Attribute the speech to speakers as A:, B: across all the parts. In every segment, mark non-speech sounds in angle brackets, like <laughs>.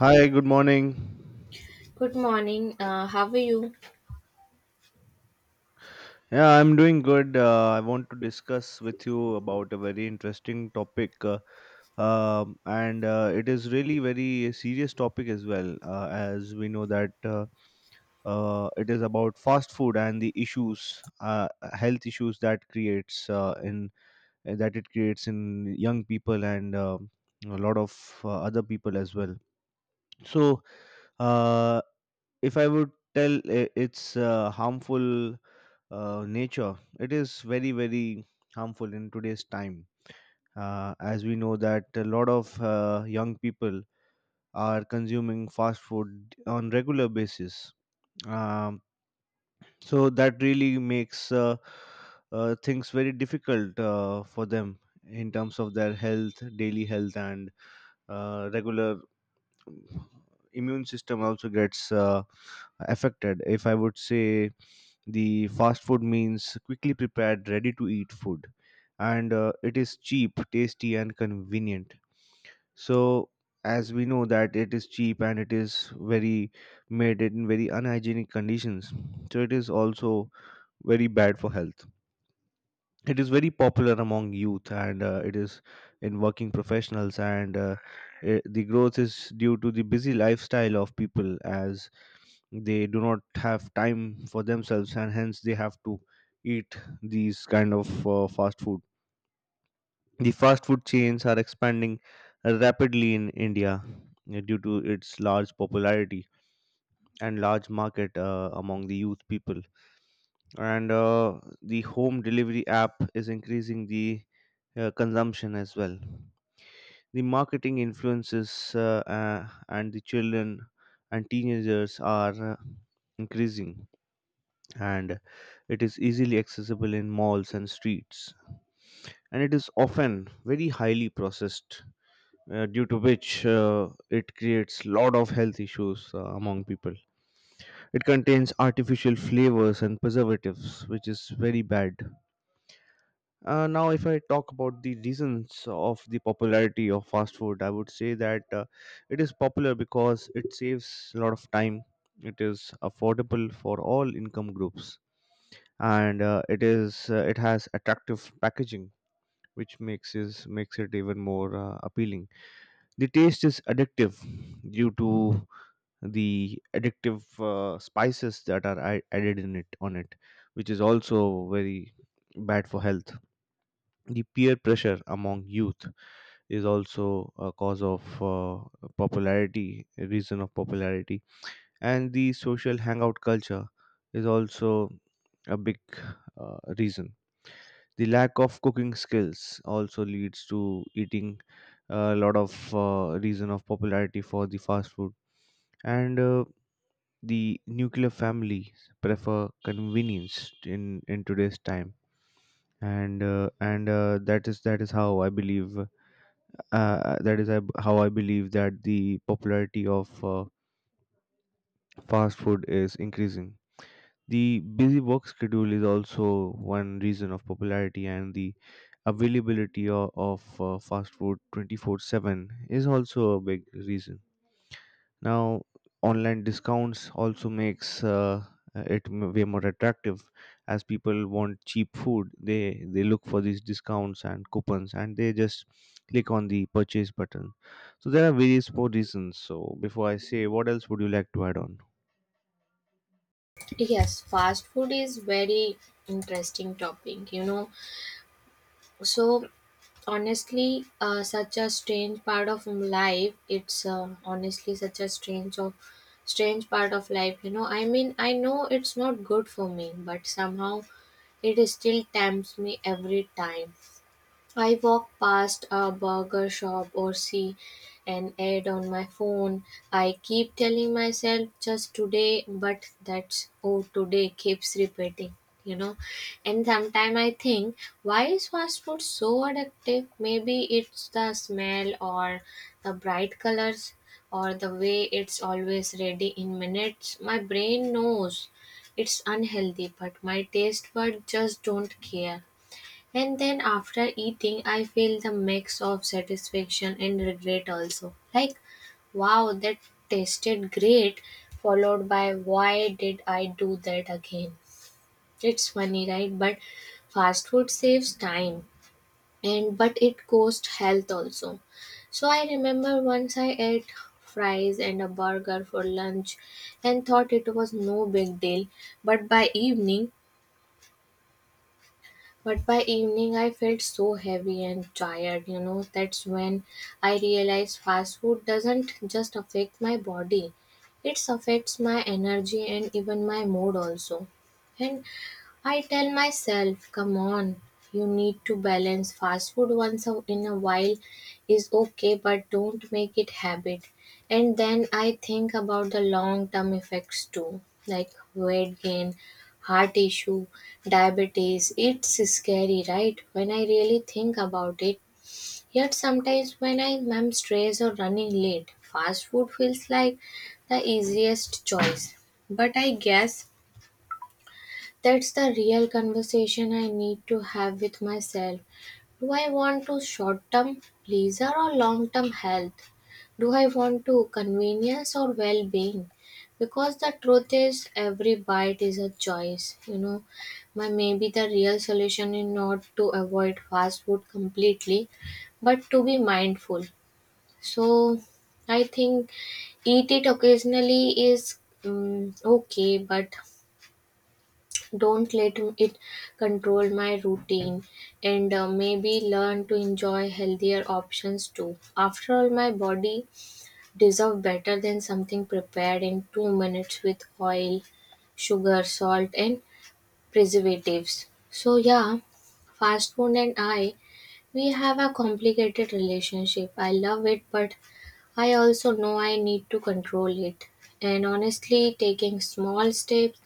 A: Hi, good morning.
B: Good morning. How are you?
A: Yeah, I'm doing good. I want to discuss with you about a very interesting topic, and it is really very serious topic as well. As we know that it is about fast food and the issues, health issues that it creates in young people and a lot of other people as well. So, uh, if I would tell its harmful nature, it is very very harmful in today's time. As we know that a lot of young people are consuming fast food on regular basis. um, so that really makes things very difficult for them in terms of their health, daily health, and regular immune system also gets affected. If I would say, the fast food means quickly prepared, ready to eat food, and it is cheap, tasty, and convenient. So, as we know that it is cheap, and it is very made in very unhygienic conditions, so it is also very bad for health. It is very popular among youth, and it is in working professionals, and the growth is due to the busy lifestyle of people, as they do not have time for themselves, and hence they have to eat these kind of fast food. The fast food chains are expanding rapidly in India, due to its large popularity and large market among the youth people. And the home delivery app is increasing the consumption as well. The marketing influences and the children and teenagers are increasing, and it is easily accessible in malls and streets. And it is often very highly processed, due to which it creates lot of health issues among people. It contains artificial flavors and preservatives, which is very bad. Now, if I talk about the reasons of the popularity of fast food, I would say that it is popular because it saves a lot of time. It is affordable for all income groups, and it has attractive packaging, which makes it even more appealing. The taste is addictive due to the addictive spices that are added in it, on it, which is also very bad for health. The peer pressure among youth is also a cause of popularity, a reason of popularity. And the social hangout culture is also a big reason. The lack of cooking skills also leads to eating a lot of reason of popularity for the fast food. And the nuclear families prefer convenience in today's time. And that is how I believe that is I b- how I believe that the popularity of fast food is increasing. The busy work schedule is also one reason of popularity, and the availability of fast food 24/7 is also a big reason now. Online discounts also makes it way more attractive, as people want cheap food. They look for these discounts and coupons, and they just click on the purchase button. So there are various more reasons. So before I say, what else would you like to add on?
B: Yes, fast food is very interesting topic. You know, so honestly, such a strange part of life. It's honestly such a strange of Strange part of life. You know, I mean, I know it's not good for me, but somehow it still tempts me every time. I walk past a burger shop or see an ad on my phone. I keep telling myself just today, but that's today keeps repeating, you know. And sometimes I think, why is fast food so addictive? Maybe it's the smell or the bright colors or the way it's always ready in minutes. My brain knows it's unhealthy, but my taste buds just don't care. And then after eating, I feel the mix of satisfaction and regret also. Like, wow, that tasted great, followed by why did I do that again? It's funny, right? But fast food saves time and but it costs health also. So I remember once I ate fries and a burger for lunch and thought it was no big deal, but by evening But by evening, I felt so heavy and tired, you know. That's when I realized fast food doesn't just affect my body, it affects my energy and even my mood also. And I tell myself, come on, you need to balance fast food in a while is okay, but don't make it habit. And then I think about the long term effects too, like weight gain, heart issue, diabetes. It's scary, right? When I really think about it. Yet sometimes when I am stressed or running late, fast food feels like the easiest choice. But I guess that's the real conversation I need to have with myself. Do I want to short term pleasure or long term health? Do I want to convenience or well being? Because the truth is, every bite is a choice. You know, my maybe the real solution is not to avoid fast food completely, but to be mindful. So, I think eat it occasionally is okay, but don't let it control my routine and maybe learn to enjoy healthier options too. After all, my body deserves better than something prepared in 2 minutes with oil, sugar, salt and preservatives. So yeah, fast food and I we have a complicated relationship. I love it, but I also know I need to control it. And honestly, taking small steps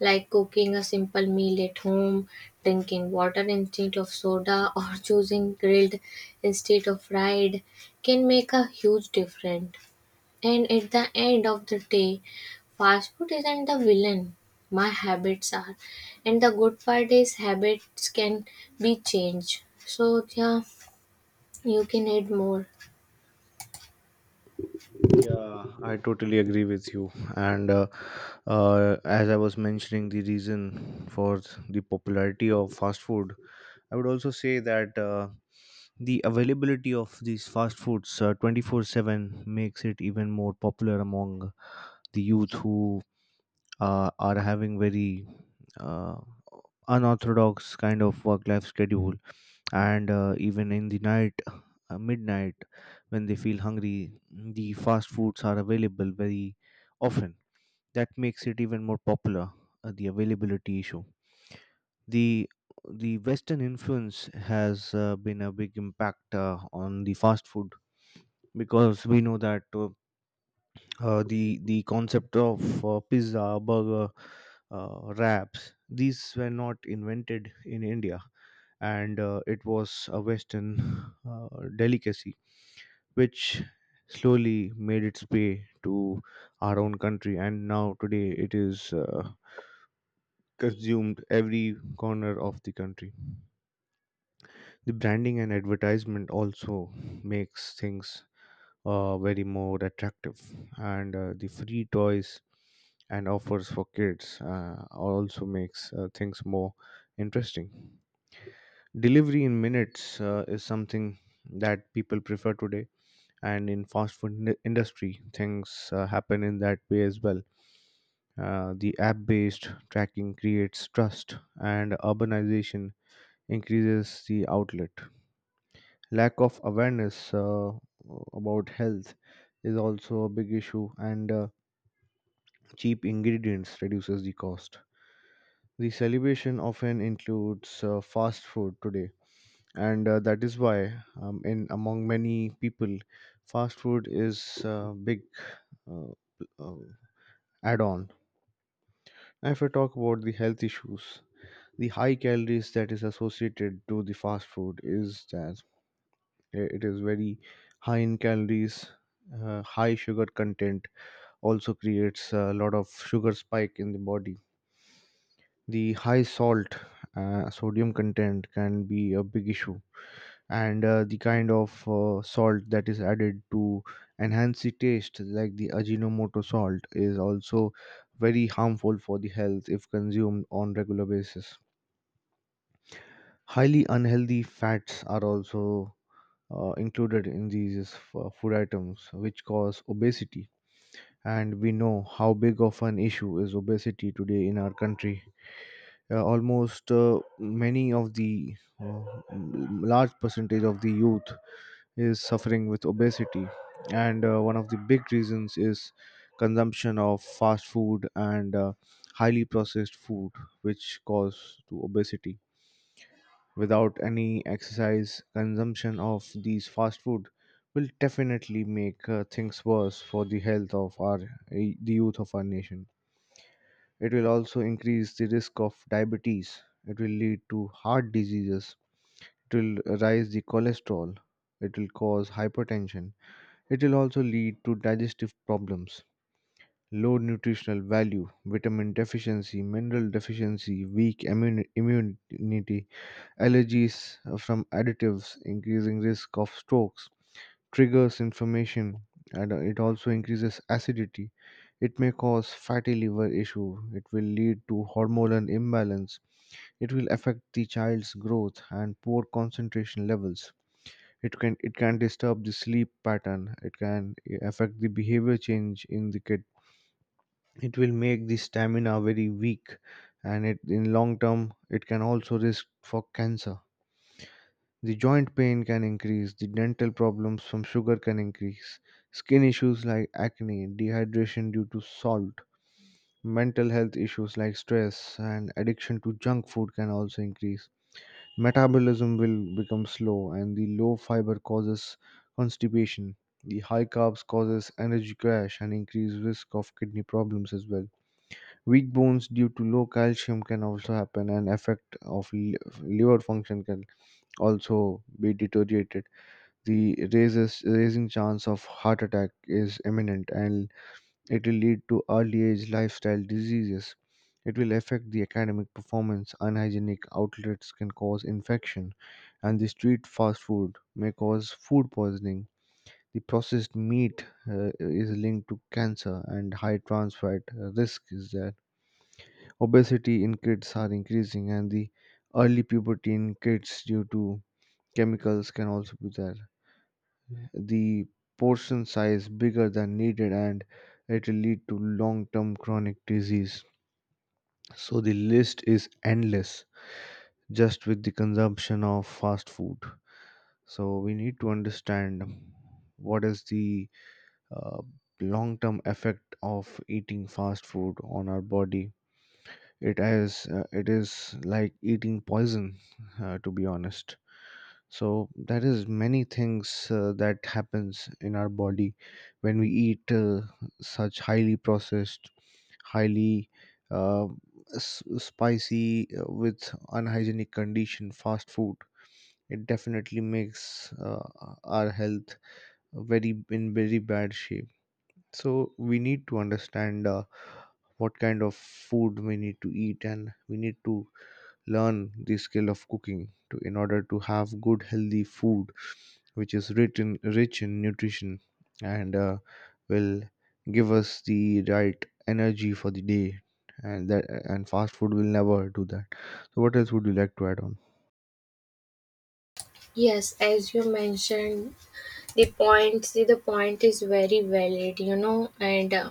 B: like cooking a simple meal at home, drinking water instead of soda, <laughs> or choosing grilled instead of fried can make a huge difference. And at the end of the day, fast food isn't the villain. My habits are. And the good part is, habits can be changed. So, yeah, you can add more.
A: Yeah, I totally agree with you. And uh, as I was mentioning, the reason for the popularity of fast food, I would also say that the availability of these fast foods 24/7 makes it even more popular among the youth who are having very uh, unorthodox kind of work life schedule. And even in the night, midnight, when they feel hungry, the fast foods are available very often. That makes it even more popular. The availability issue. The the western influence has been a big impact on the fast food. Because we know that the concept of pizza, burger, wraps, these were not invented in India. And it was a western uh, delicacy, which slowly made its way to our own country. And now today it is consumed every corner of the country. The branding and advertisement also makes things very more attractive. And the free toys and offers for kids also makes things more interesting. Delivery in minutes is something that people prefer today, and in fast food industry things happen in that way as well. The app based tracking creates trust, and urbanization increases the outlet. Lack of awareness about health is also a big issue. And cheap ingredients reduces the cost. The celebration often includes fast food today. And that is why, in among many people, fast food is a big uh, uh, add-on. Now, if I talk about the health issues, the high calories that is associated to the fast food is that it is very high in calories. High sugar content also creates a lot of sugar spike in the body. The high salt, sodium content can be a big issue, and the kind of salt that is added to enhance the taste, like the Ajinomoto salt, is also very harmful for the health if consumed on regular basis. Highly unhealthy fats are also included in these food items, which cause obesity. And we know how big of an issue is obesity today in our country. Almost, many of the uh, m- large percentage of the youth is suffering with obesity, and one of the big reasons is consumption of fast food and highly processed food, which cause to obesity. Without any exercise, consumption of these fast food will definitely make things worse for the health of our, the youth of our nation. It will also increase the risk of diabetes. It will lead to heart diseases. It will raise the cholesterol. It will cause hypertension. It will also lead to digestive problems, low nutritional value, vitamin deficiency, mineral deficiency, weak immunity, allergies from additives, increasing risk of strokes, triggers inflammation, and it also increases acidity. It may cause fatty liver issue. It will lead to hormonal imbalance. It will affect the child's growth and poor concentration levels. It can disturb the sleep pattern. It can affect the behavior change in the kid. It will make the stamina very weak, and it in long term it can also risk for cancer. The joint pain can increase, the dental problems from sugar can increase, skin issues like acne, dehydration due to salt, mental health issues like stress and addiction to junk food can also increase. Metabolism will become slow, and the low fiber causes constipation. The high carbs causes energy crash and increased risk of kidney problems as well. Weak bones due to low calcium can also happen, and effect of liver function can also be deteriorated. The raises raising chance of heart attack is imminent, and it will lead to early age lifestyle diseases. It will affect the academic performance. Unhygienic outlets can cause infection, and the street fast food may cause food poisoning. The processed meat is linked to cancer, and high trans fat risk is there. Obesity in kids are increasing, and the early puberty in kids due to chemicals can also be there. The portion size bigger than needed, and it will lead to long term chronic disease. So the list is endless just with the consumption of fast food. So we need to understand what is the uh, long term effect of eating fast food on our body. It has it is like eating poison, to be honest. So that is many things that happens in our body when we eat such highly processed, highly uh, spicy, with unhygienic condition fast food. It definitely makes our health very bad shape. So we need to understand what kind of food we need to eat, and we need to learn the skill of cooking to in order to have good healthy food which is rich in nutrition, and will give us the right energy for the day. And that and fast food will never do that. So what else would you like to add on?
B: Yes, as you mentioned, the point is very valid, you know, and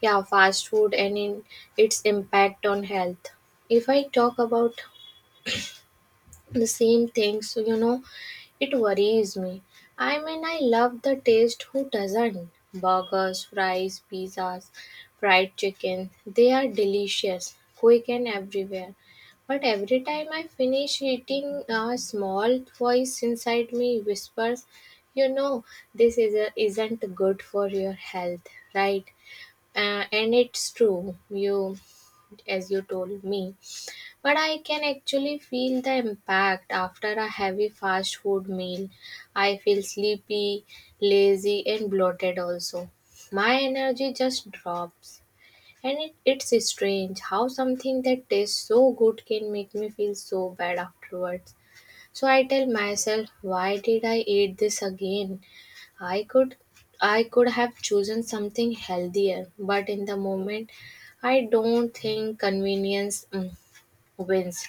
B: yeah, fast food and in its impact on health. If I talk about the same things, so, you know, it worries me. I mean, I love the taste, who doesn't? Burgers, fries, pizzas, fried chicken, they are delicious, quick and everywhere. But every time I finish eating, a small voice inside me whispers, you know, isn't good for your health, right? And it's true. You As you told me, but I can actually feel the impact after a heavy fast food meal. I feel sleepy, lazy, and bloated also. My energy just drops. And it's strange how something that tastes so good can make me feel so bad afterwards. So I tell myself, why did I eat this again? I could I could have chosen something healthier, but in the moment I don't think convenience wins.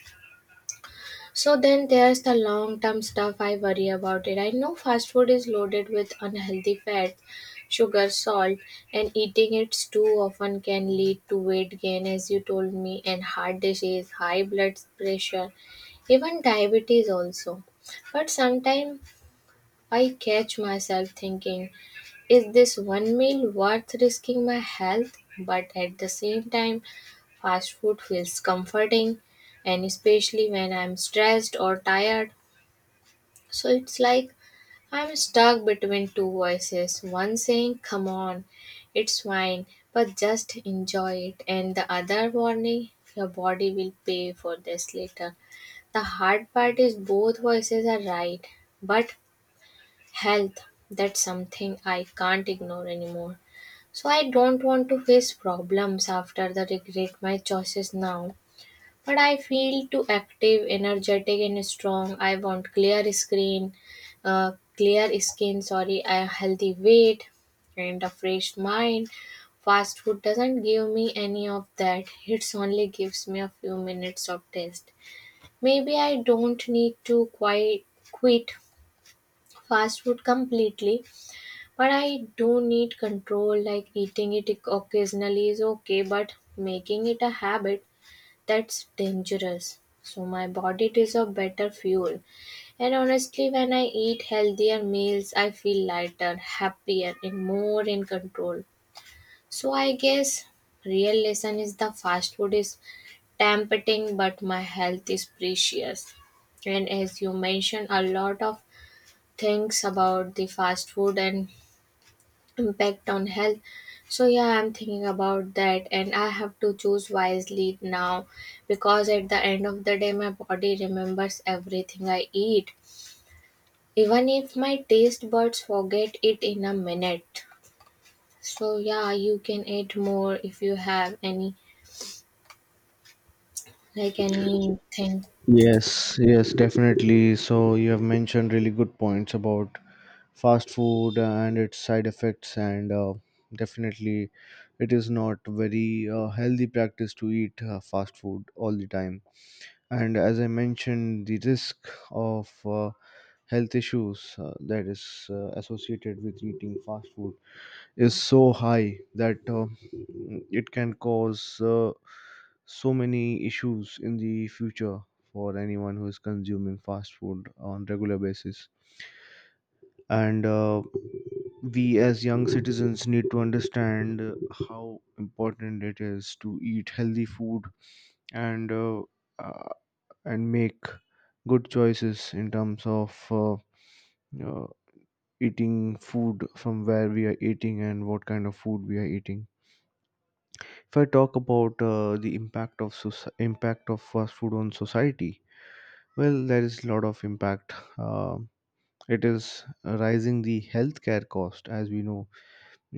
B: So then there's the long term stuff I worry about it. I know fast food is loaded with unhealthy fats, sugar, salt, and eating it too often can lead to weight gain, as you told me, and heart disease, high blood pressure, even diabetes also. But sometimes I catch myself thinking, is this one meal worth risking my health? But at the same time, fast food feels comforting, and especially when I'm stressed or tired. So it's like I'm stuck between two voices, one saying, come on, it's fine, but just enjoy it, and the other warning, your body will pay for this later. The hard part is both voices are right, but health, that's something I can't ignore anymore. So I don't want to face problems after the regret my choices now. But I feel too active, energetic, and strong. I want uh, clear skin. Sorry, a healthy weight and a fresh mind. Fast food doesn't give me any of that. It only gives me a few minutes of taste. Maybe I don't need to quit fast food completely, but I do need control. Like eating it occasionally is okay, but making it a habit, that's dangerous. So my body is a better fuel. And honestly, when I eat healthier meals, I feel lighter, happier, and more in control. So I guess real lesson is the fast food is tempting, but my health is precious. And as you mentioned, a lot of things about the fast food and impact on health. So yeah, I'm thinking about that and I have to choose wisely now, because at the end of the day, my body remembers everything I eat, even if my taste buds forget it in a minute. So yeah, you can eat more if you have any, like, anything.
A: Yes, yes, definitely. So you have mentioned really good points about fast food and its side effects, and definitely it is not very healthy practice to eat fast food all the time. And as I mentioned, the risk of health issues that is associated with eating fast food is so high that it can cause so many issues in the future for anyone who is consuming fast food on regular basis. And we as young citizens need to understand how important it is to eat healthy food, and uh, and make good choices in terms of uh, eating food from where we are eating and what kind of food we are eating. If I talk about the impact of impact of fast food on society, well, there is a lot of impact. It is rising the healthcare cost, as we know,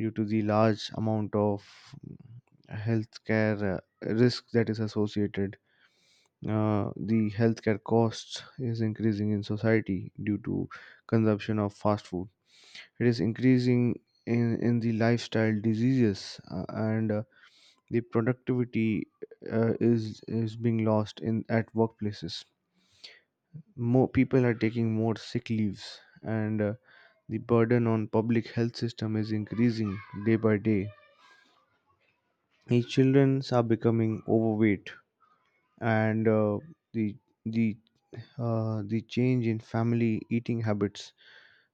A: due to the large amount of healthcare risk that is associated. The healthcare costs is increasing in society due to consumption of fast food. It is increasing in the lifestyle diseases, and the productivity is being lost in at workplaces. More people are taking more sick leaves, and the burden on public health system is increasing day by day. The children are becoming overweight, and the the the change in family eating habits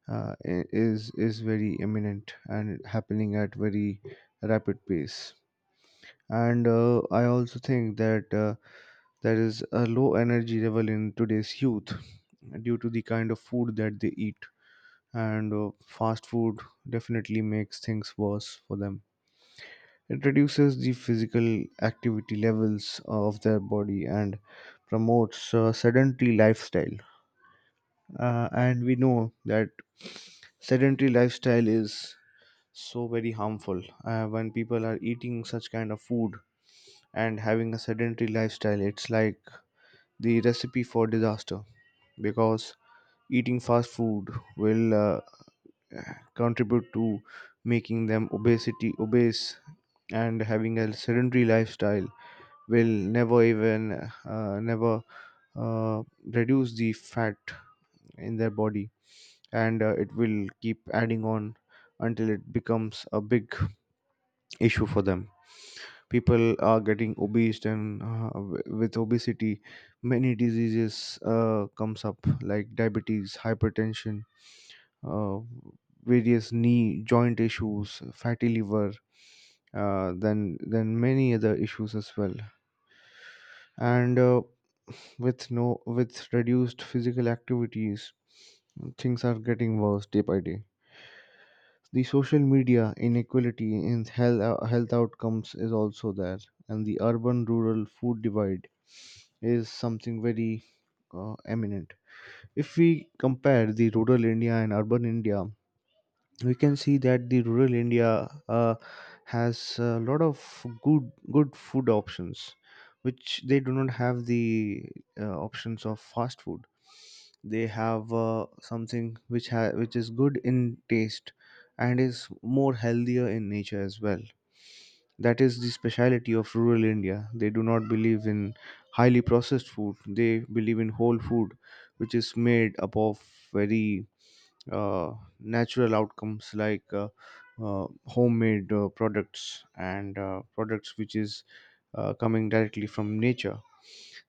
A: is very imminent and happening at very rapid pace. And I also think that there is a low energy level in today's youth due to the kind of food that they eat. And fast food definitely makes things worse for them. It reduces the physical activity levels of their body and promotes a sedentary lifestyle. And we know that sedentary lifestyle is so very harmful when people are eating such kind of food and having a sedentary lifestyle. It's like the recipe for disaster, because eating fast food will contribute to making them obesity obese, and having a sedentary lifestyle will never even never uh, reduce the fat in their body. And it will keep adding on until it becomes a big issue for them. People are getting obese, and with obesity, many diseases comes up, like diabetes, hypertension, uh, various knee joint issues, fatty liver, then many other issues as well. And with no with reduced physical activities, things are getting worse day by day. The social media inequality in health, health outcomes is also there, and the urban rural food divide is something very eminent. If we compare the rural India and urban India, we can see that the rural India uh, has a lot of good food options. Which they do not have the options of fast food. They have something which which is good in taste and is more healthier in nature as well. That is the speciality of rural India. They do not believe in highly processed food. They believe in whole food, which is made up of very uh, natural outcomes, like homemade products, and products which is coming directly from nature.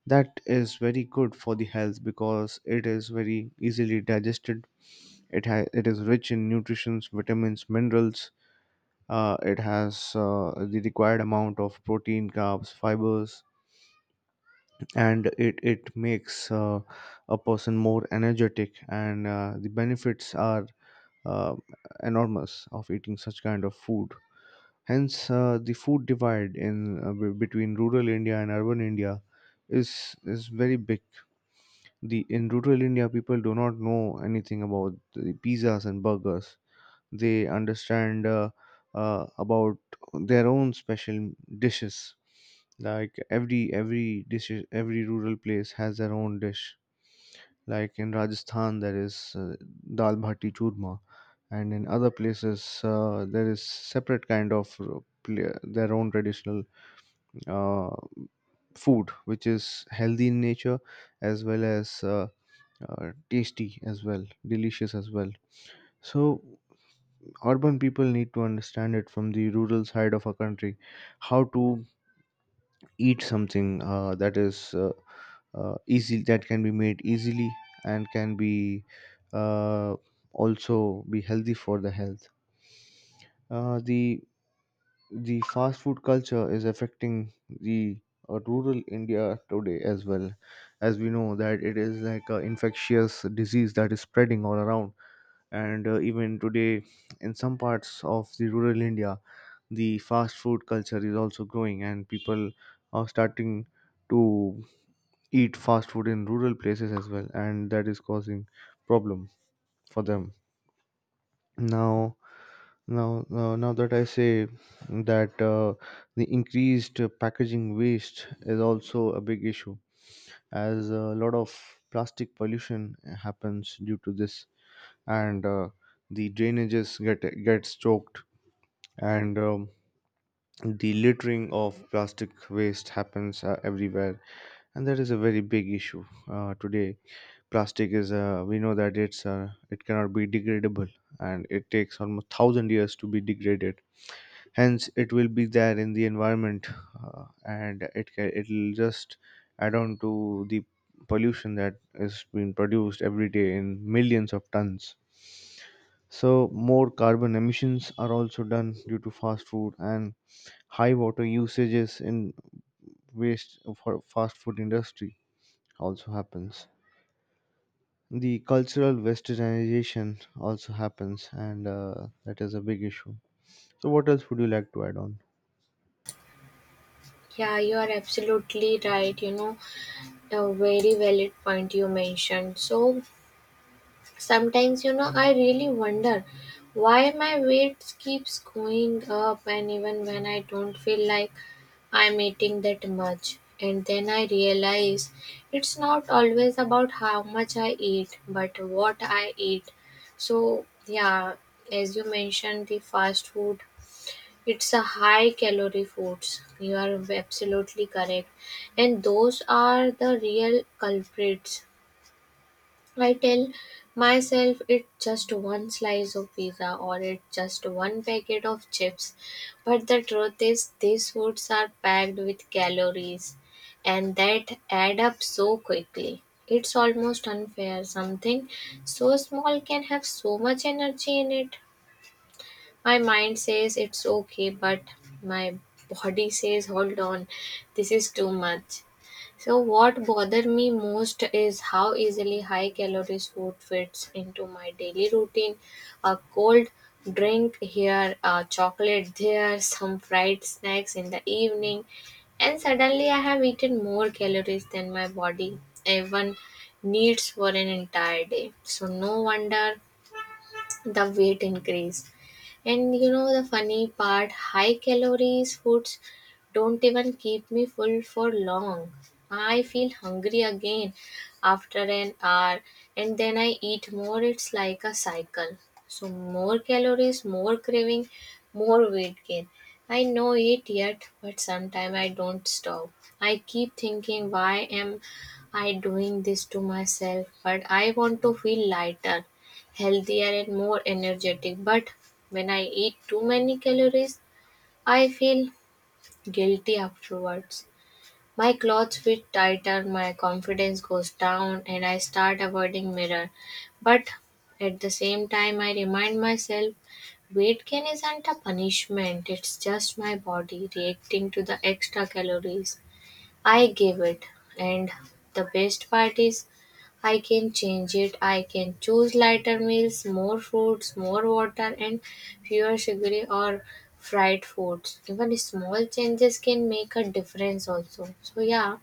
A: That is very good for the health, because it is very easily digested. It is rich in nutrients, vitamins, minerals. It has the required amount of protein, carbs, fibers. And it makes a person more energetic, and the benefits are uh, enormous of eating such kind of food. Hence, the food divide in between rural India and urban India is very big. The in rural India, people do not know anything about the pizzas and burgers. They understand about their own special dishes. Like every dish, every rural place has their own dish, like in Rajasthan, there is dal bhati churma, and in other places, there is separate kind of their own traditional uh, food, which is healthy in nature as well as tasty as well, delicious as well. So, urban people need to understand it from the rural side of a country, how to eat something that is easy, that can be made easily and can be uh, also be healthy for the health. Uh, the the fast food culture is affecting the rural India today as well. As we know that it is like an infectious disease that is spreading all around. And even today, in some parts of the rural India, the fast food culture is also growing, and people are starting to eat fast food in rural places as well, and that is causing problem for them. now Now that I say that the increased packaging waste is also a big issue, as a lot of plastic pollution happens due to this. And the drainages gets choked, and the littering of plastic waste happens everywhere, and that is a very big issue today. Plastic is, we know that it cannot be degradable, and it takes almost 1,000 years to be degraded. Hence it will be there in the environment. And it'll just add on to the pollution that is being produced every day in millions of tons. So more carbon emissions are also done due to fast food, and high water usages in waste for fast food industry also happens. The cultural westernization also happens, and that is a big issue. So what else would you like to add on?
B: Yeah, you are absolutely right, you know, a very valid point you mentioned. So sometimes, you know, I really wonder why my weight keeps going up, and even when I don't feel like I'm eating that much. And then I realize it's not always about how much I eat, but what I eat. So, yeah, as you mentioned, the fast food. It's a high calorie foods. You are absolutely correct. And those are the real culprits. I tell myself it's just one slice of pizza or it's just one packet of chips. But the truth is, these foods are packed with calories and that add up so quickly. It's almost unfair. Something so small can have so much energy in it. My mind says it's okay, but my body says, hold on, this is too much. So what bothered me most is how easily high calories food fits into my daily routine. A cold drink here, a chocolate there, some fried snacks in the evening, and suddenly I have eaten more calories than my body even needs for an entire day. So no wonder the weight increase. And you know the funny part, high calories foods don't even keep me full for long. I feel hungry again after an hour and then I eat more. It's like a cycle. So more calories, more craving, more weight gain. I know it yet, but sometimes I don't stop. I keep thinking why am I doing this to myself, but I want to feel lighter, healthier and more energetic. But when I eat too many calories, I feel guilty afterwards. My clothes fit tighter, my confidence goes down, and I start avoiding mirror. But at the same time, I remind myself weight gain isn't a punishment, it's just my body reacting to the extra calories I give it. And the best part is, I can change it. I can choose lighter meals, more fruits, more water, and fewer sugary or fried foods. Even small changes can make a difference, also. So, yeah,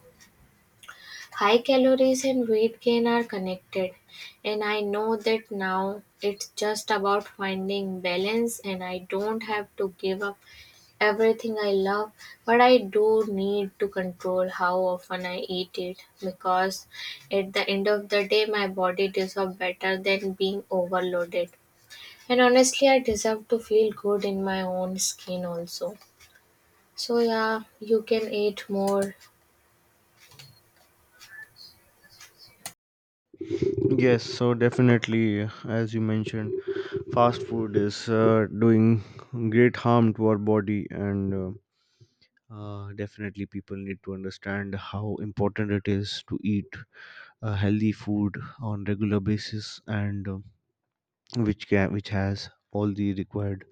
B: high calories and weight gain are connected. And I know that now it's just about finding balance, and I don't have to give up everything I love, but I do need to control how often I eat it, because at the end of the day, my body deserves better than being overloaded. And honestly, I deserve to feel good in my own skin also. So, yeah, you can eat more.
A: Yes, so definitely, as you mentioned, fast food is doing great harm to our body, and definitely people need to understand how important it is to eat healthy food on regular basis, and which can which has all the required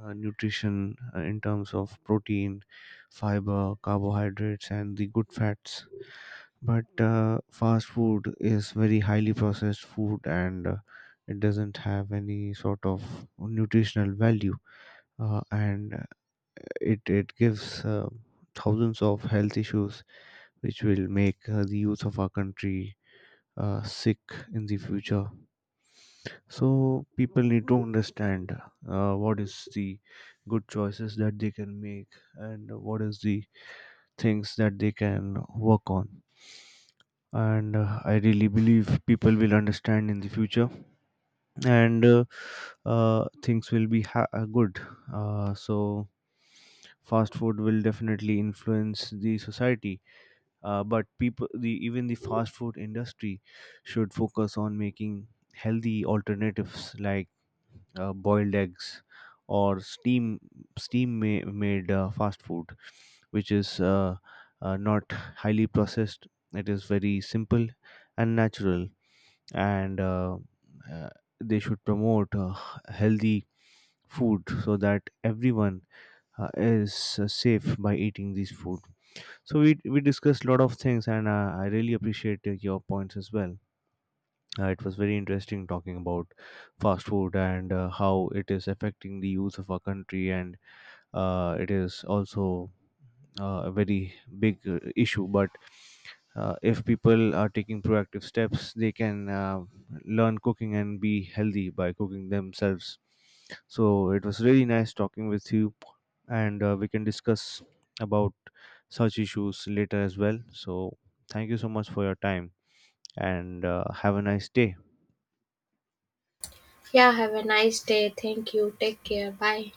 A: nutrition in terms of protein, fiber, carbohydrates, and the good fats. But fast food is very highly processed food, and it doesn't have any sort of nutritional value. And It gives thousands of health issues which will make the youth of our country sick in the future. So people need to understand what is the good choices that they can make and what is the things that they can work on. And I really believe people will understand in the future, and things will be good. So fast food will definitely influence the society. But people, the even the fast food industry should focus on making healthy alternatives, like boiled eggs, or steam steam made fast food which is not highly processed. It is very simple and natural, and uh, they should promote healthy food, so that everyone is safe by eating these food. So we discussed a lot of things, and I really appreciate your points as well. It was very interesting talking about fast food, and how it is affecting the youth of our country, and it is also a very big issue. But if people are taking proactive steps, they can learn cooking and be healthy by cooking themselves. So it was really nice talking with you, and we can discuss about such issues later as well. So thank you so much for your time, and have a nice day.
B: Yeah, have a nice day. Thank you. Take care. Bye.